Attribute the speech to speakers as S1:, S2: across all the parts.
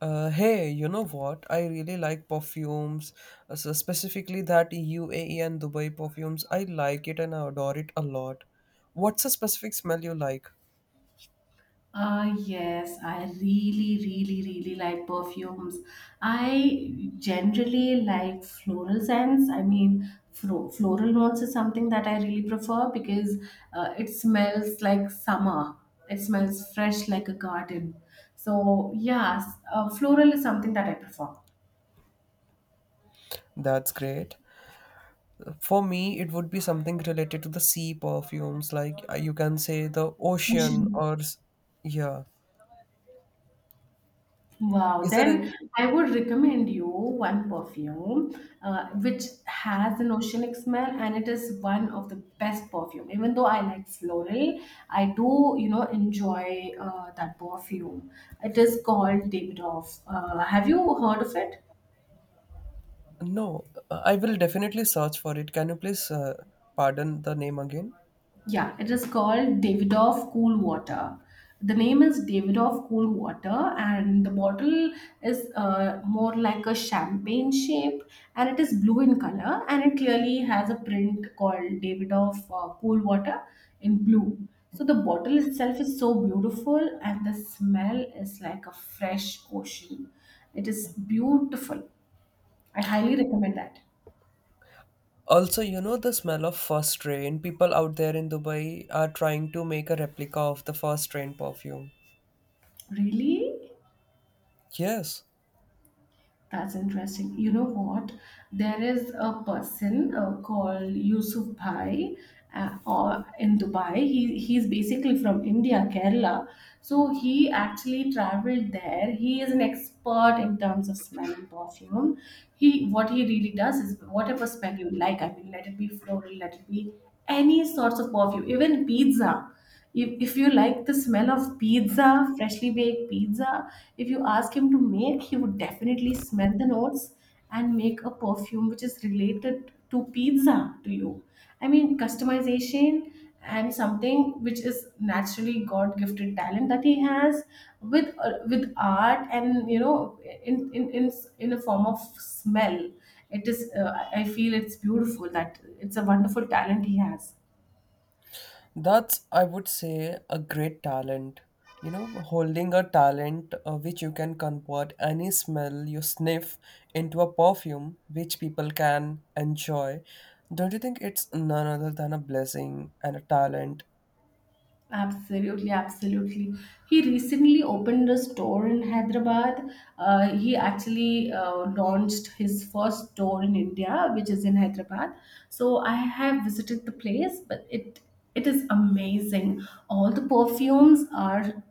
S1: Hey, you know what? I really like perfumes, so specifically that UAE and Dubai perfumes. I like it and I adore it a lot. What's a specific smell you like?
S2: Yes, I really, really, really like perfumes. I generally like floral scents. I mean, floral notes is something that I really prefer because it smells like summer. It smells fresh like a garden. So, yes, floral is something that I prefer.
S1: That's great. For me, it would be something related to the sea perfumes, like you can say the ocean
S2: Ocean.
S1: or yeah.
S2: Wow,
S1: Is there any?
S2: then I would recommend you one perfume which has an oceanic smell, and it is one of the best perfume. Even though I like floral, I do, enjoy that perfume. It is called Davidoff. Have you heard of it?
S1: No, I will definitely search for it. Can you please pardon the name again?
S2: Yeah, it is called Davidoff Cool Water. The name is Davidoff Cool Water, and the bottle is more like a champagne shape, and it is blue in color, and it clearly has a print called Davidoff Cool Water in blue. So the bottle itself is so beautiful, and the smell is like a fresh ocean. It is beautiful. I highly recommend that.
S1: Also, you know the smell of first train. People out there in Dubai are trying to make a replica of the first train perfume.
S2: Really?
S1: Yes,
S2: That's interesting. You know what? There is a person called Yusuf Bhai or in Dubai. He's basically from India, Kerala. So he actually traveled there. He is an expert in terms of smell and perfume. He what he really does is whatever smell you like. I mean, let it be floral, let it be any sorts of perfume, even pizza. If you like the smell of pizza, freshly baked pizza, if you ask him to make, he would definitely smell the notes and make a perfume which is related to pizza to you. I mean, customization and something which is naturally God gifted talent that he has with art, and you know in in in, in a form of smell, it is I feel it's beautiful that it's a wonderful talent he has.
S1: that's, I would say, a great talent. You know, holding a talent which you can convert any smell you sniff into a perfume which people can enjoy. Don't you think it's none other than a blessing and a talent?
S2: Absolutely, absolutely. He recently opened a store in Hyderabad. He actually launched his first store in India, which is in Hyderabad. So I have visited the place, but it is amazing. All the perfumes are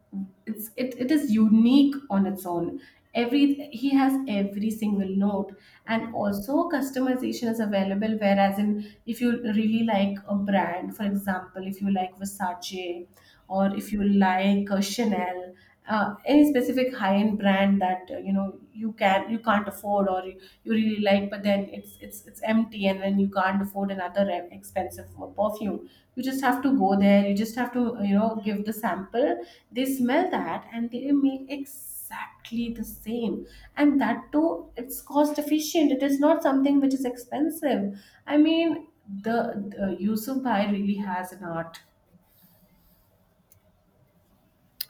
S2: it is unique on its own. Every he has every single note, and also customization is available, whereas in if you really like a brand, for example, if you like Versace or if you like Chanel, any specific high-end brand that you know you can't afford, or you really like, but then it's empty, and then you can't afford another expensive perfume. You just have to go there. You just have to give the sample. They smell that and they make exactly the same, and that too it's cost efficient. It is not something which is expensive. I mean, the Yusuf Bhai really has an art.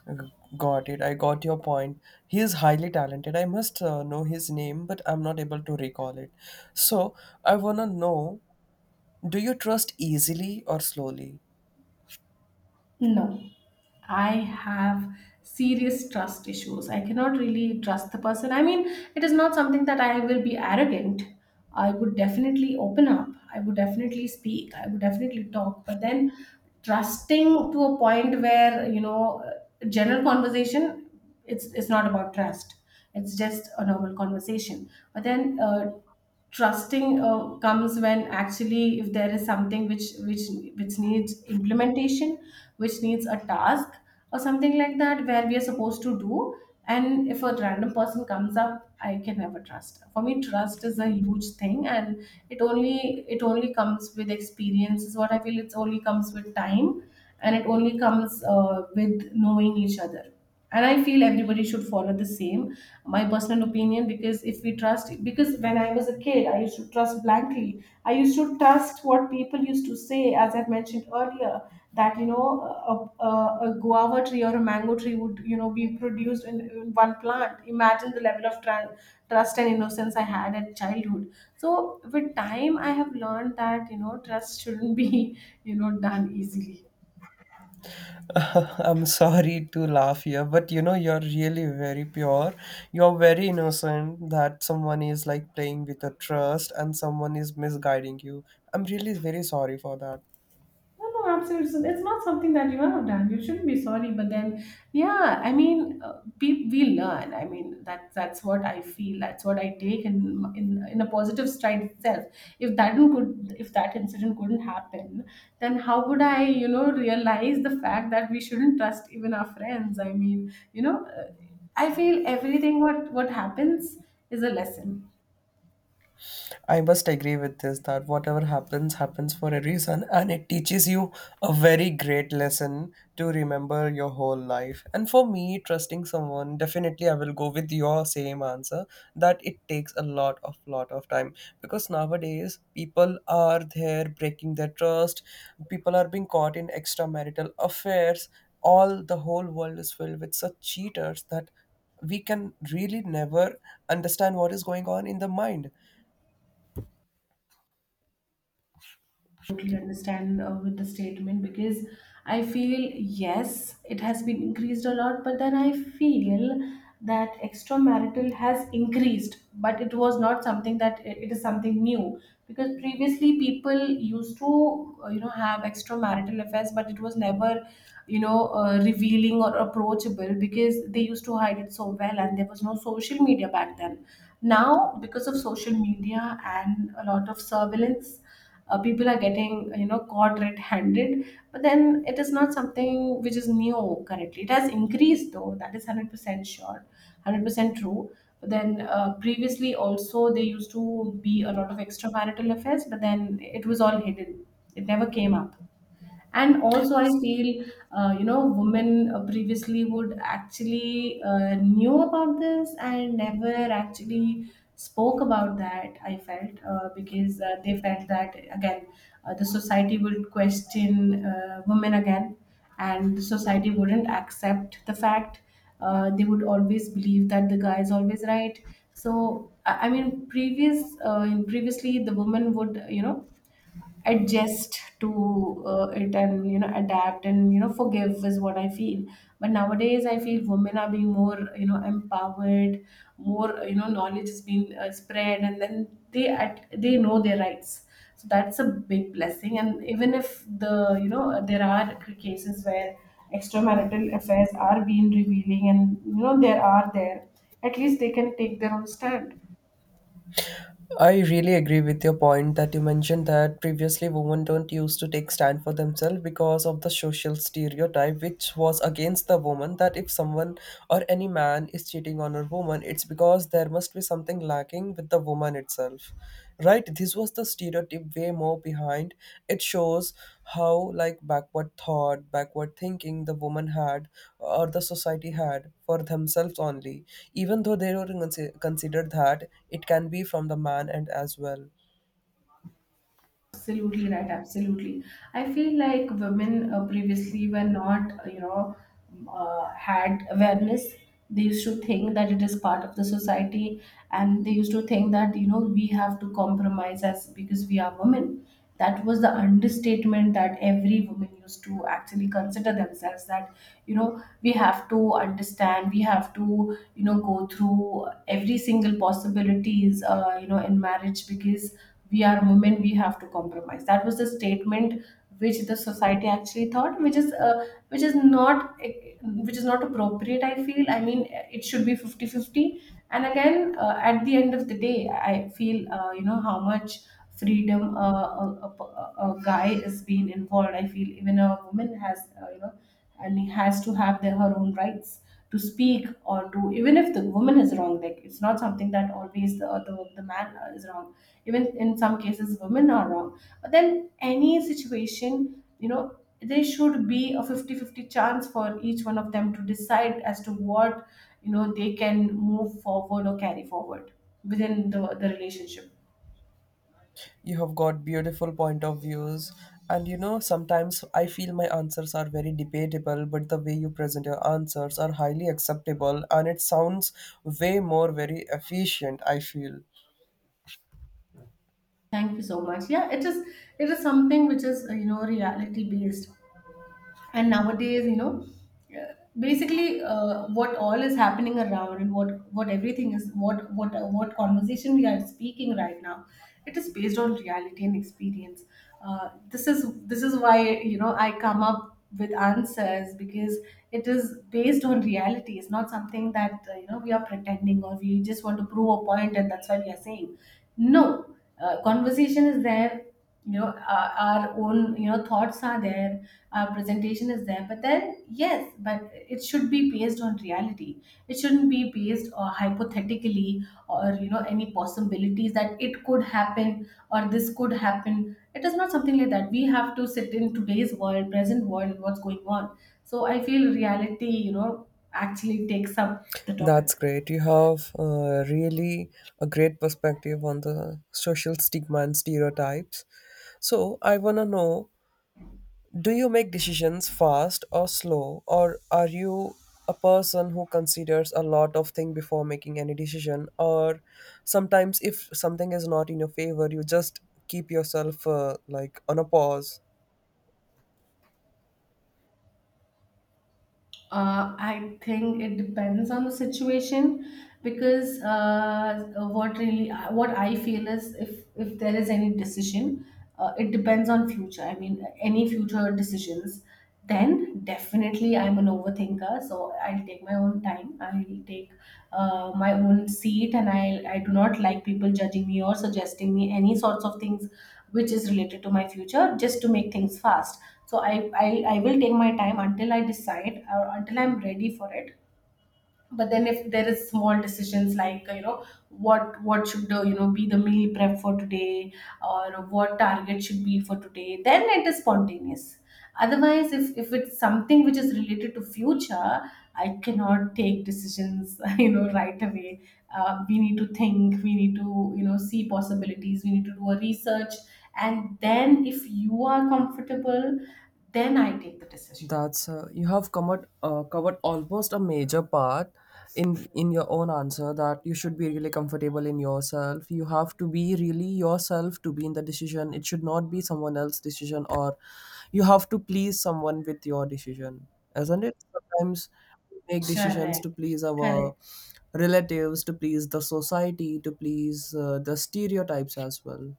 S1: G- Got it. I got your point. He is highly talented. I must know his name, but I'm not able to recall it. So I wanna know: do you trust easily or slowly?
S2: No, I have serious trust issues. I cannot really trust the person. I mean, it is not something that I will be arrogant. I would definitely open up. I would definitely speak. I would definitely talk. But then trusting to a point where, general conversation, it's not about trust. It's just a normal conversation. But then trusting comes when actually if there is something which needs implementation, which needs a task, or something like that where we are supposed to do, and if a random person comes up, I can never trust. For me, trust is a huge thing, and it only comes with experience, is what I feel. It only comes with time, and it only comes with knowing each other. And I feel everybody should follow the same, my personal opinion. Because if we trust, because when I was a kid, I used to trust blankly. I used to trust what people used to say, as I mentioned earlier, that you know a guava tree or a mango tree would you know be produced in one plant. Imagine the level of trust and innocence I had at childhood. So with time, I have learned that you know trust shouldn't be you know done easily.
S1: I'm sorry to laugh here, but you know you're really very pure. You're very innocent that someone is like playing with a trust and someone is misguiding you. I'm really very sorry for that.
S2: No, no, absolutely. It's not something that you have done. You shouldn't be sorry. But then, yeah, I mean, we learn. I mean, that's what I feel. That's what I take in in a positive stride itself. If that didn't could, if that incident couldn't happen, then how would I, you know, realize the fact that we shouldn't trust even our friends? I mean, you know, I feel everything what happens is a lesson.
S1: I must agree with this that whatever happens, happens for a reason, and it teaches you a very great lesson to remember your whole life. And for me, trusting someone, definitely I will go with your same answer that it takes a lot of time, because nowadays people are there breaking their trust, people are being caught in extramarital affairs. All the whole world is filled with such cheaters that we can really never understand what is going on in the mind.
S2: Totally understand with the statement, because I feel yes, it has been increased a lot, but then I feel that extramarital has increased, but it was not something that it is something new, because previously people used to you know have extramarital affairs, but it was never you know revealing or approachable because they used to hide it so well, and there was no social media back then. Now, because of social media and a lot of surveillance, people are getting you know caught red-handed. But then it is not something which is new. Currently it has increased, though. That is 100% sure, 100% true. But then previously also there used to be a lot of extramarital affairs, but then it was all hidden. It never came up. And also I feel you know women previously would actually knew about this and never actually spoke about that, I felt because they felt that again the society would question women again, and the society wouldn't accept the fact they would always believe that the guy is always right. So I mean uh, previously the woman would you know adjust to it, and you know adapt, and you know forgive, is what I feel. But nowadays I feel women are being more you know empowered, more you know knowledge is being spread, and then they know their rights. So that's a big blessing. And even if the you know there are cases where extramarital affairs are being revealing, and you know there are there, at least they can take their own stand.
S1: I really agree with your point that you mentioned, that previously women don't used to take stand for themselves because of the social stereotype which was against the woman, that if someone or any man is cheating on a woman, it's because there must be something lacking with the woman itself, right? This was the stereotype way more behind. It shows how like backward thought backward thinking the woman had, or the society had for themselves only, even though they don't consider that it can be from the man and as well.
S2: Absolutely right. Absolutely. I feel like women previously were not, you know, had awareness. They used to think that it is part of the society, and they used to think that you know we have to compromise as because we are women. That was the understatement that every woman used to actually consider themselves. That you know we have to understand, we have to you know go through every single possibilities, you know, in marriage, because we are women, we have to compromise. That was the statement which the society actually thought, which is not, which is not appropriate, I feel. I mean, it should be fifty-fifty. And again, at the end of the day, I feel you know how much freedom a guy is being involved, I feel even a woman has you know, and he has to have her own rights to speak, or to, even if the woman is wrong, like, it's not something that always the man is wrong. Even in some cases women are wrong. But then any situation you know there should be a fifty-fifty chance for each one of them to decide as to what you know they can move forward or carry forward within the relationship.
S1: You have got beautiful point of views. And you know sometimes I feel my answers are very debatable, but the way you present your answers are highly acceptable and it sounds way more very efficient, I feel.
S2: Thank you so much. Yeah, it is, it is something which is you know reality based. And nowadays, you know, basically what all is happening around, and what everything is, what conversation we are speaking right now. It is based on reality and experience. This is why you know I come up with answers, because it is based on reality. It's not something that you know we are pretending, or we just want to prove a point, and that's why we are saying no. Conversation is there. You know, our own, you know, thoughts are there. Our presentation is there. But then yes, but it should be based on reality. It shouldn't be based or hypothetically, or you know any possibilities that it could happen or this could happen. It is not something like that. We have to sit in today's world, present world, what's going on. So I feel reality, you know, actually takes up the
S1: That's
S2: topic.
S1: great. You have really a great perspective on the social stigma and stereotypes. So, I want to know, do you make decisions fast or slow, or are you a person who considers a lot of things before making any decision? Or sometimes, if something is not in your favor, you just keep yourself like on a pause.
S2: I think it depends on the situation, because what really what I feel is, if there is any decision, it depends on future. I mean, any future decisions. Then definitely, I'm an overthinker, so I'll take my own time. I'll take my own seat, and I do not like people judging me or suggesting me any sorts of things which is related to my future just to make things fast. So I, I will take my time until I decide or until I'm ready for it, but then if there is small decisions like, what should, be the meal prep for today, or what target should be for today, then it is spontaneous. Otherwise, if it's something which is related to future, I cannot take decisions right away. We need to think, we need to, see possibilities, we need to do a research, and then if you are comfortable, then I take the decision.
S1: That's you have covered almost a major part in your own answer, that you should be really comfortable in yourself. You have to be really yourself to be in the decision. It should not be someone else's decision, or you have to please someone with your decision, isn't it? Sometimes we make decisions
S2: Correct.
S1: to please
S2: Correct.
S1: our relatives, to please the society, to please the stereotypes as well.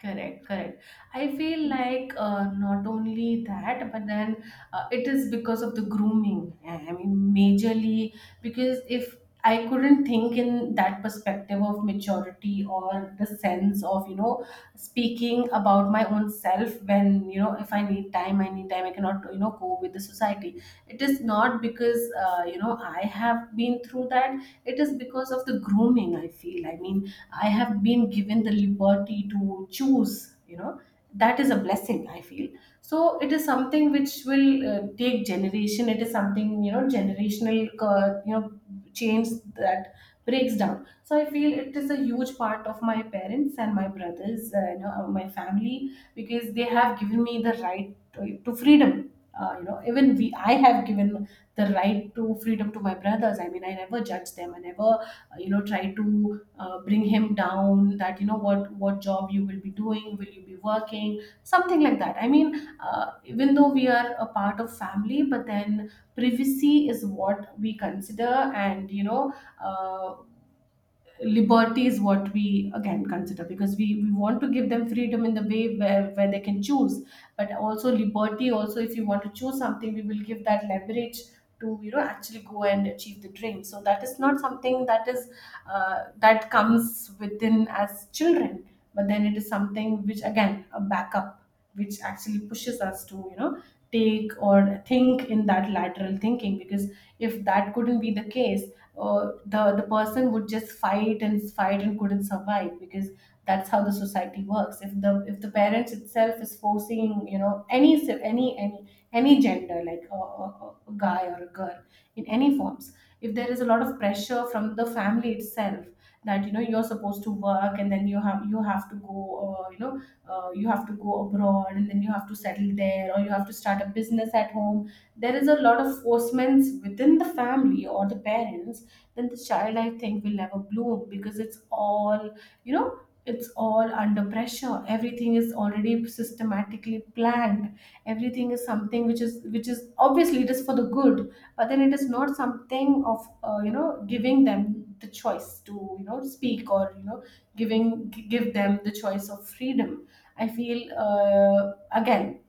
S2: Correct, correct. I feel like, not only that, but then it is because of the grooming. I mean, majorly, because if I couldn't think in that perspective of maturity or the sense of, speaking about my own self, when, if I need time, I need time, I cannot, go with the society. It is not because, I have been through that. It is because of the grooming, I feel. I mean, I have been given the liberty to choose, that is a blessing, I feel. So it is something which will, take generation. It is something, generational, change that breaks down. So I feel it is a huge part of my parents and my brothers, my family, because they have given me the right to, freedom. I have given the right to freedom to my brothers. I mean, I never judge them. I never, try to, bring him down, that what job you will be doing, will you be working, something like that, I mean. Even though we are a part of family, but then privacy is what we consider, and, uh, liberty is what we again consider, because we want to give them freedom in the way where, they can choose, but also liberty, also if you want to choose something, we will give that leverage to, actually go and achieve the dream. So that is not something that is that comes within as children, but then it is something which again a backup, which actually pushes us to, take or think in that lateral thinking, because if that couldn't be the case, the person would just fight and fight and couldn't survive, because that's how the society works. If the, parents itself is forcing, any se- any gender, like a guy or a girl, in any forms. If there is a lot of pressure from the family itself, that, you're supposed to work, and then you have to go, uh, you know you have to go abroad, and then you have to settle there, or you have to start a business at home. There is a lot of forcements within the family or the parents. Then the child, I think, will never bloom, because you know it's all under pressure. Everything is already systematically planned. Everything is something which is, obviously, it is for the good. But then it is not something of, giving them the choice to, speak, or, you know giving give them the choice of freedom, I feel. uh, Again,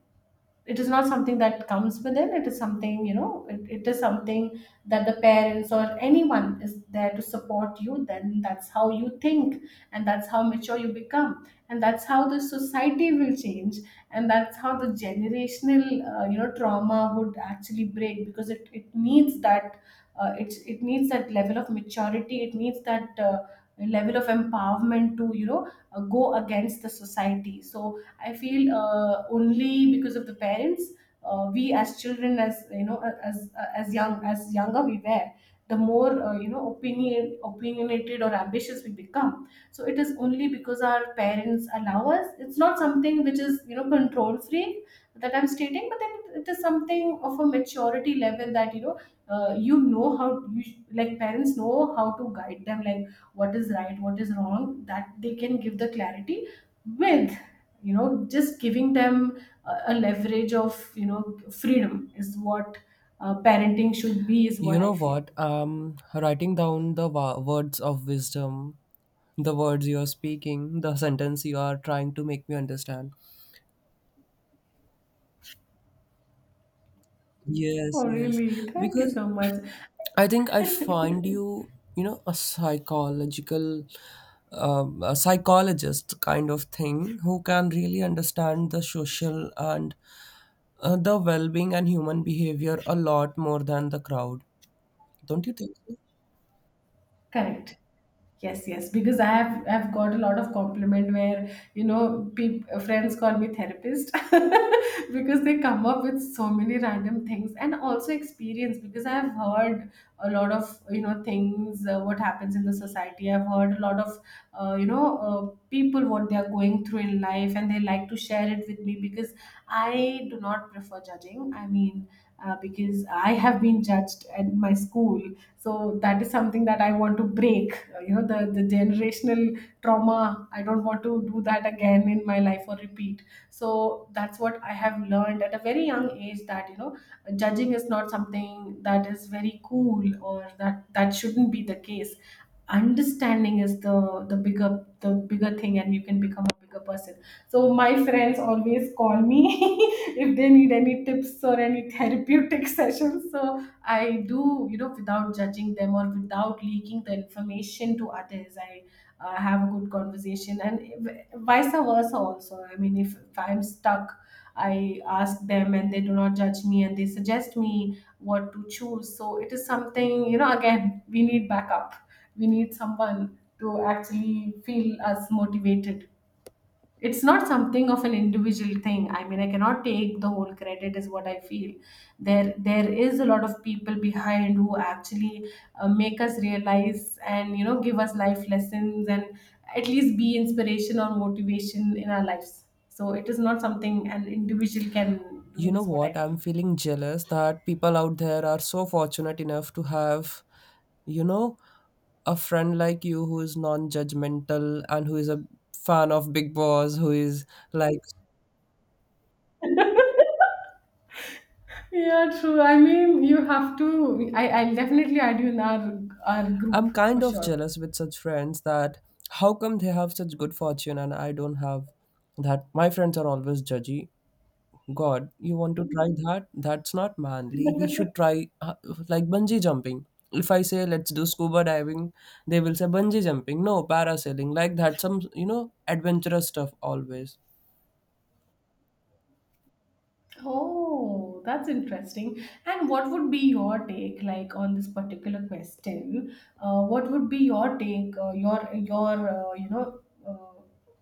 S2: it is not something that comes within. It is something, it is something that the parents or anyone is there to support you, then that's how you think, and that's how mature you become, and that's how the society will change, and that's how the generational, trauma would actually break, because it needs that, it needs that level of maturity. It needs that, level of empowerment to, go against the society. So I feel, only because of the parents, we as children, as, as young as younger we were, the more, opinionated or ambitious we become. So it is only because our parents allow us. It's not something which is, control free, that I'm stating. But then it is something of a maturity level, that, you know how you like parents know how to guide them, like what is right, what is wrong, that they can give the clarity, with, just giving them a leverage of, freedom, is what, parenting should be, is
S1: You
S2: what I
S1: know
S2: feel.
S1: what? Writing down the words of wisdom, the words you are speaking, the sentence you are trying to make me understand. Yes,
S2: Oh,
S1: yes.
S2: really, thank you
S1: Because
S2: so much.
S1: I think I find you, a psychologist kind of thing who can really understand the social and the well being and human behavior a lot more than the crowd. Don't you think so?
S2: Correct. Yes, yes, because I have got a lot of compliment, where, you know peop friends call me therapist because they come up with so many random things, and also experience, because I've heard a lot of, things, what happens in the society. I've heard a lot of, people, what they are going through in life, and they like to share it with me, because I do not prefer judging. I mean, because I have been judged at my school, so that is something that I want to break, the generational trauma. I don't want to do that again in my life or repeat. So that's what I have learned at a very young age, that, judging is not something that is very cool, or that shouldn't be the case. Understanding is the bigger thing, and you can become a bigger person. So my friends always call me if they need any tips or any therapeutic sessions. So I do, without judging them, or without leaking the information to others. I, have a good conversation, and vice versa also. I mean, if, I'm stuck, I ask them, and they do not judge me, and they suggest me what to choose. So it is something, again, we need backup. We need someone to actually feel us motivated. It's not something of an individual thing, I mean, I cannot take the whole credit, is what I feel. There is a lot of people behind, who actually, make us realize, and, give us life lessons, and at least be inspiration or motivation in our lives. So it is not something an individual can
S1: You
S2: do,
S1: know
S2: is what I
S1: what?
S2: feel.
S1: I'm feeling jealous that people out there are so fortunate enough to have, you know, a friend like you who is non judgmental and who is a fan of Big Boss, who is like.
S2: Yeah, true, I mean, you have to, I'll definitely add you in our group
S1: I'm kind
S2: for
S1: of
S2: sure.
S1: jealous with such friends that how come they have such good fortune and I don't have that? My friends are always judgy. God, you want to try that? That's not manly. We should try like bungee jumping. If I say let's do scuba diving, they will say bungee jumping. No, parasailing. Like that, some adventurous stuff always.
S2: Oh, that's interesting. And what would be your take, like, on this particular question? What would be your take, your uh,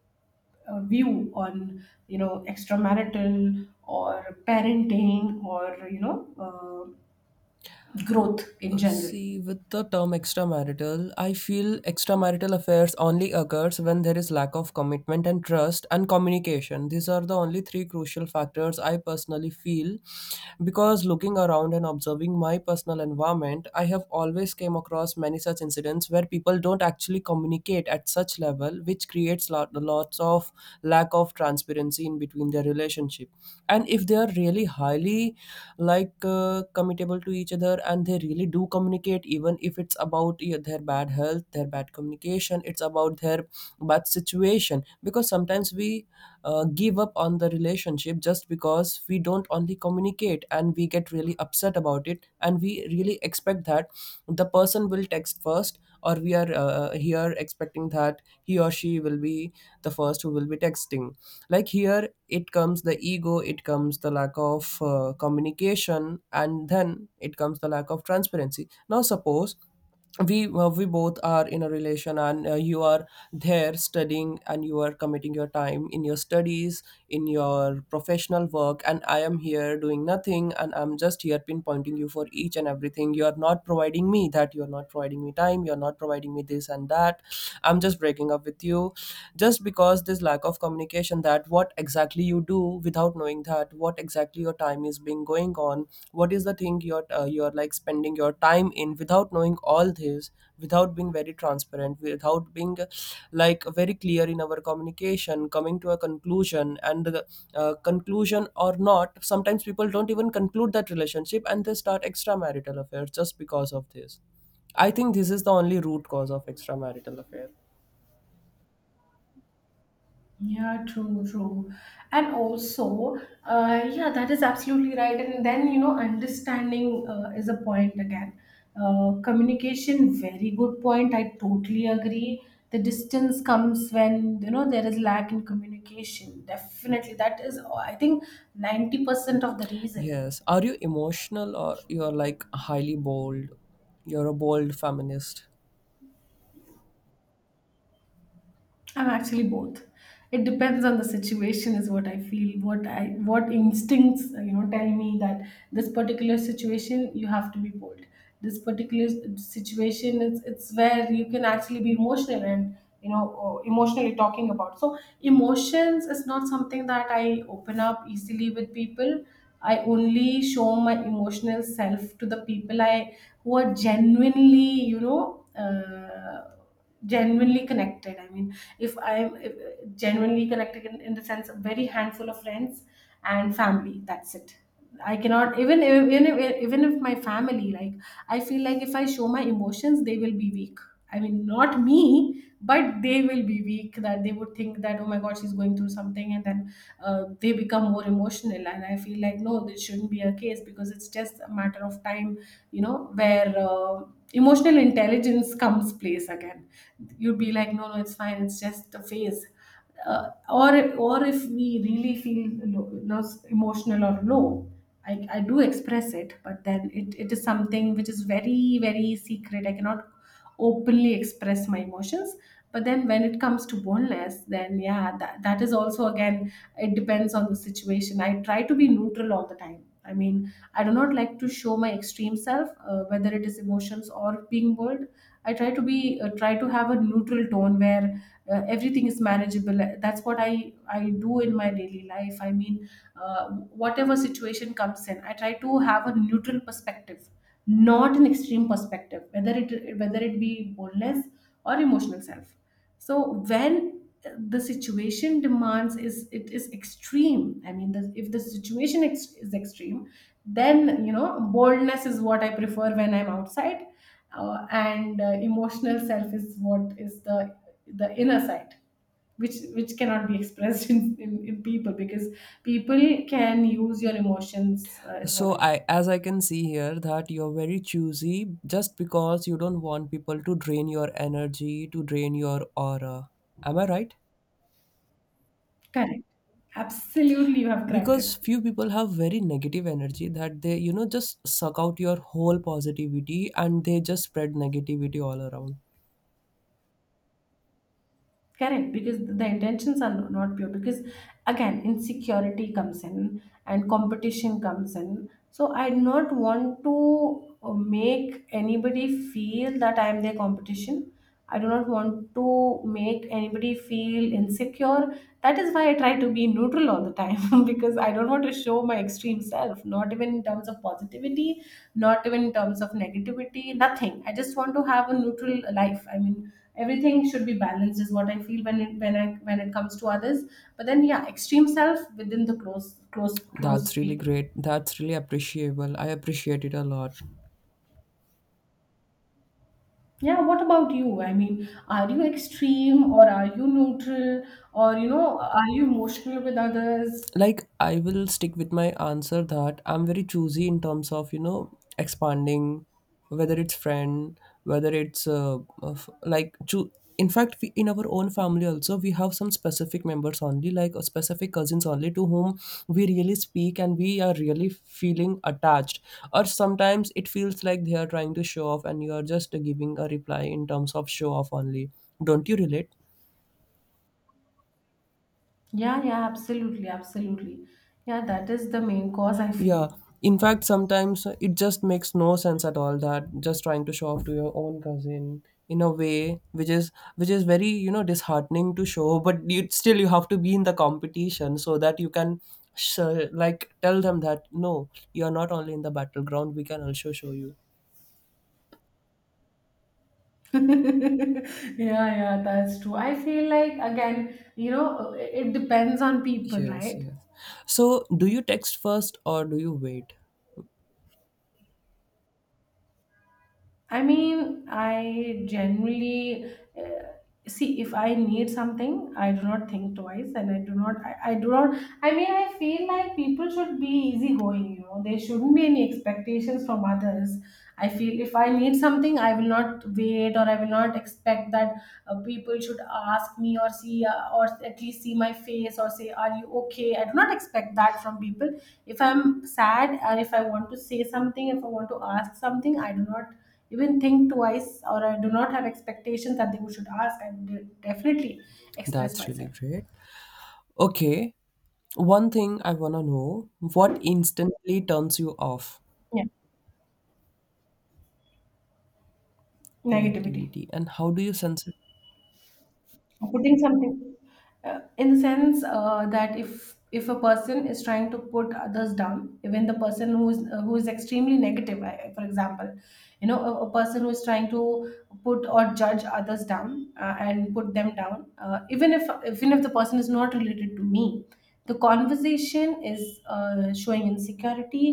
S2: view on, extramarital, or parenting, or, growth in general?
S1: See, with the term extramarital, I feel extramarital affairs only occurs when there is lack of commitment and trust and communication. These are the only three crucial factors I personally feel, because looking around and observing my personal environment, I have always came across many such incidents where people don't actually communicate at such level, which creates lots of lack of transparency in between their relationship. And if they are really highly like committable to each other and they really do communicate, even if it's about, yeah, their bad health, their bad communication, it's about their bad situation. Because sometimes we give up on the relationship just because we don't only communicate and we get really upset about it, and we really expect that the person will text first, or we are here expecting that he or she will be the first who will be texting. Like, here it comes the ego, it comes the lack of communication, and then it comes the lack of transparency. Now suppose we both are in a relation, and you are there studying and you are committing your time in your studies, in your professional work, and I am here doing nothing and I'm just here pinpointing you for each and everything. You are not providing me that, you are not providing me time, you are not providing me this and that. I'm just breaking up with you just because this lack of communication, that what exactly you do without knowing that what exactly your time is being going on, what is the thing you're like spending your time in, without knowing all this, without being very transparent, without being like very clear in our communication, coming to a conclusion. And the conclusion or not, sometimes people don't even conclude that relationship and they start extramarital affairs just because of this. I think this is the only root cause of extramarital affair.
S2: Yeah, true, true. And also, yeah, that is absolutely right. And then, understanding, is a point again. Communication, very good point. I totally agree. The distance comes when, there is lack in communication. Definitely. That is, I think, 90% of the reason.
S1: Yes. Are you emotional or you're like highly bold? You're a bold feminist.
S2: I'm actually both. It depends on the situation, is what I feel. What instincts tell me that this particular situation you have to be bold. This particular situation, it's where you can actually be emotional, and, or emotionally talking about. So emotions is not something that I open up easily with people. I only show my emotional self to the people I who are genuinely. Uh, Genuinely connected, I mean, if I'm if, genuinely connected, in the sense of very handful of friends and family, that's it. I cannot even if my family, like, I feel like if I show my emotions, they will be weak, I mean, not me, but they will be weak, that they would think that, oh my god, she's going through something. And then, they become more emotional, and I feel like, no, this shouldn't be a case, because it's just a matter of time, where, emotional intelligence comes place again. You'd be like, no, no, it's fine, it's just a phase. Or, if we really feel low, emotional or low, I do express it, but then it is something which is very very secret. I cannot openly express my emotions. But then when it comes to boneless, then yeah, that is also again, it depends on the situation. I try to be neutral all the time, I mean, I do not like to show my extreme self, whether it is emotions or being bold. I try to be try to have a neutral tone where everything is manageable. That's what I do in my daily life. I mean, uh, whatever situation comes in, I try to have a neutral perspective, not an extreme perspective, whether it be boldness or emotional self. So when the situation demands is it is extreme, I mean if the situation is extreme, then you know boldness is what I prefer when I'm outside, and emotional self is what is the inner side, which cannot be expressed in people, because people can use your emotions, is what
S1: So
S2: I feel.
S1: I, as I can see here, that you're very choosy just because you don't want people to drain your energy, to drain your aura. Am I right?
S2: Correct. Absolutely, you have cracked
S1: Because
S2: it.
S1: few people have very negative energy that they just suck out your whole positivity and they just spread negativity all around.
S2: Correct, because the intentions are not pure. Because again, insecurity comes in and competition comes in. So I do not want to make anybody feel that I am their competition. I do not want to make anybody feel insecure. That is why I try to be neutral all the time because I don't want to show my extreme self, not even in terms of positivity, not even in terms of negativity, nothing. I just want to have a neutral life. I mean, everything should be balanced is what I feel when it comes to others, but then yeah, extreme self within the
S1: That's
S2: close
S1: really
S2: people.
S1: great. That's really appreciable. I appreciate it a lot.
S2: Yeah, what about you? I mean, are you extreme or are you neutral, or you know, are you emotional with others?
S1: Like, I will stick with my answer that I'm very choosy in terms of expanding, whether it's friend, whether it's like in fact we, in our own family also, we have some specific members only, like specific cousins only, to whom we really speak, and we are really feeling attached, or sometimes it feels like they are trying to show off and you are just giving a reply in terms of show off only. Don't you relate?
S2: Yeah, absolutely, yeah, that is the main cause I feel.
S1: Yeah. In fact, sometimes it just makes no sense at all, that just trying to show off to your own cousin in a way which is very disheartening to show, but you still you have to be in the competition so that you can sh- like tell them that no, you are not only in the battleground. We can also show you.
S2: Yeah, that's true. I feel like, again, you know, it depends on people,
S1: Yes,
S2: right?
S1: yes. So, do you text first or do you wait?
S2: I mean, I generally see, if I need something, I do not think twice, and I do not, I do not. I mean, I feel like people should be easygoing. You know, there shouldn't be any expectations from others. I feel if I need something, I will not wait, or I will not expect that people should ask me or see, or at least see my face or say, "Are you okay?" I do not expect that from people. If I'm sad, or if I want to say something, if I want to ask something, I do not even think twice or I do not have expectations that they should ask. I would definitely express
S1: That's really
S2: myself.
S1: great. Okay. One thing I wanna know: what instantly turns you off?
S2: Yeah, negativity.
S1: Negativity. And how do you sense it?
S2: Putting something. In the sense that if a person is trying to put others down, even the person who is extremely negative, for example, you know, a person who is trying to put or judge others down, and put them down, even if the person is not related to me, the conversation is showing insecurity.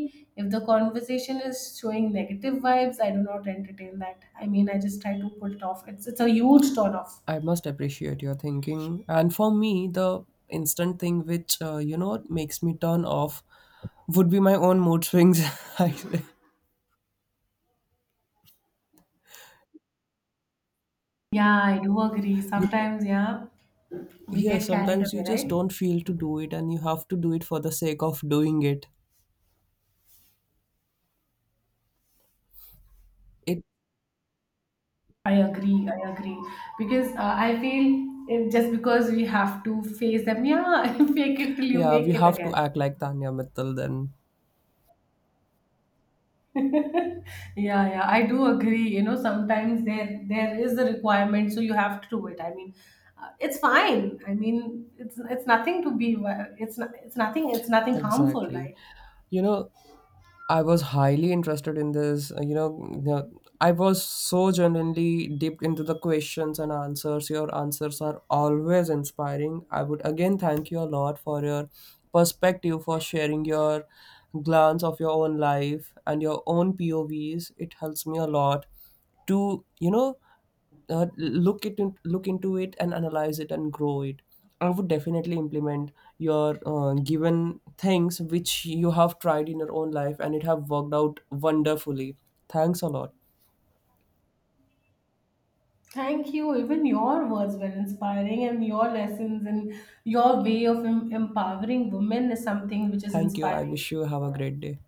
S2: If the conversation is showing negative vibes, I do not entertain that. I mean, I just try to put it off. It's a huge turn off.
S1: I must appreciate your thinking, and for me the instant thing which makes me turn off would be my own mood swings I say.
S2: Yeah, I do agree.
S1: you know,
S2: Sometimes, yeah, we
S1: yeah,
S2: get carried
S1: sometimes you
S2: away,
S1: just
S2: right?
S1: don't feel to do it and you have to do it for the sake of doing it.
S2: I agree. I agree. Because I feel if just because we have to face them, yeah, fake it till you
S1: Yeah, we
S2: make it
S1: have to
S2: again.
S1: act like Tanya Mittal then.
S2: Yeah, yeah, I do agree. You know, sometimes there is a requirement, so you have to do it. I mean, it's fine. I mean, it's nothing to be. It's not, it's nothing. It's nothing harmful,
S1: Exactly.
S2: right?
S1: you know I was highly interested in this. I was so genuinely dipped into the questions and answers. Your answers are always inspiring. I would again thank you a lot for your perspective, for sharing your glance of your own life and your own POVs. It helps me a lot to, look into it and analyze it and grow it. I would definitely implement your given things which you have tried in your own life and it have worked out wonderfully. Thanks a lot.
S2: Thank you. Even your words were inspiring, and your lessons and your way of empowering women is something which is
S1: Thank you. I
S2: inspiring.
S1: wish you have a great day.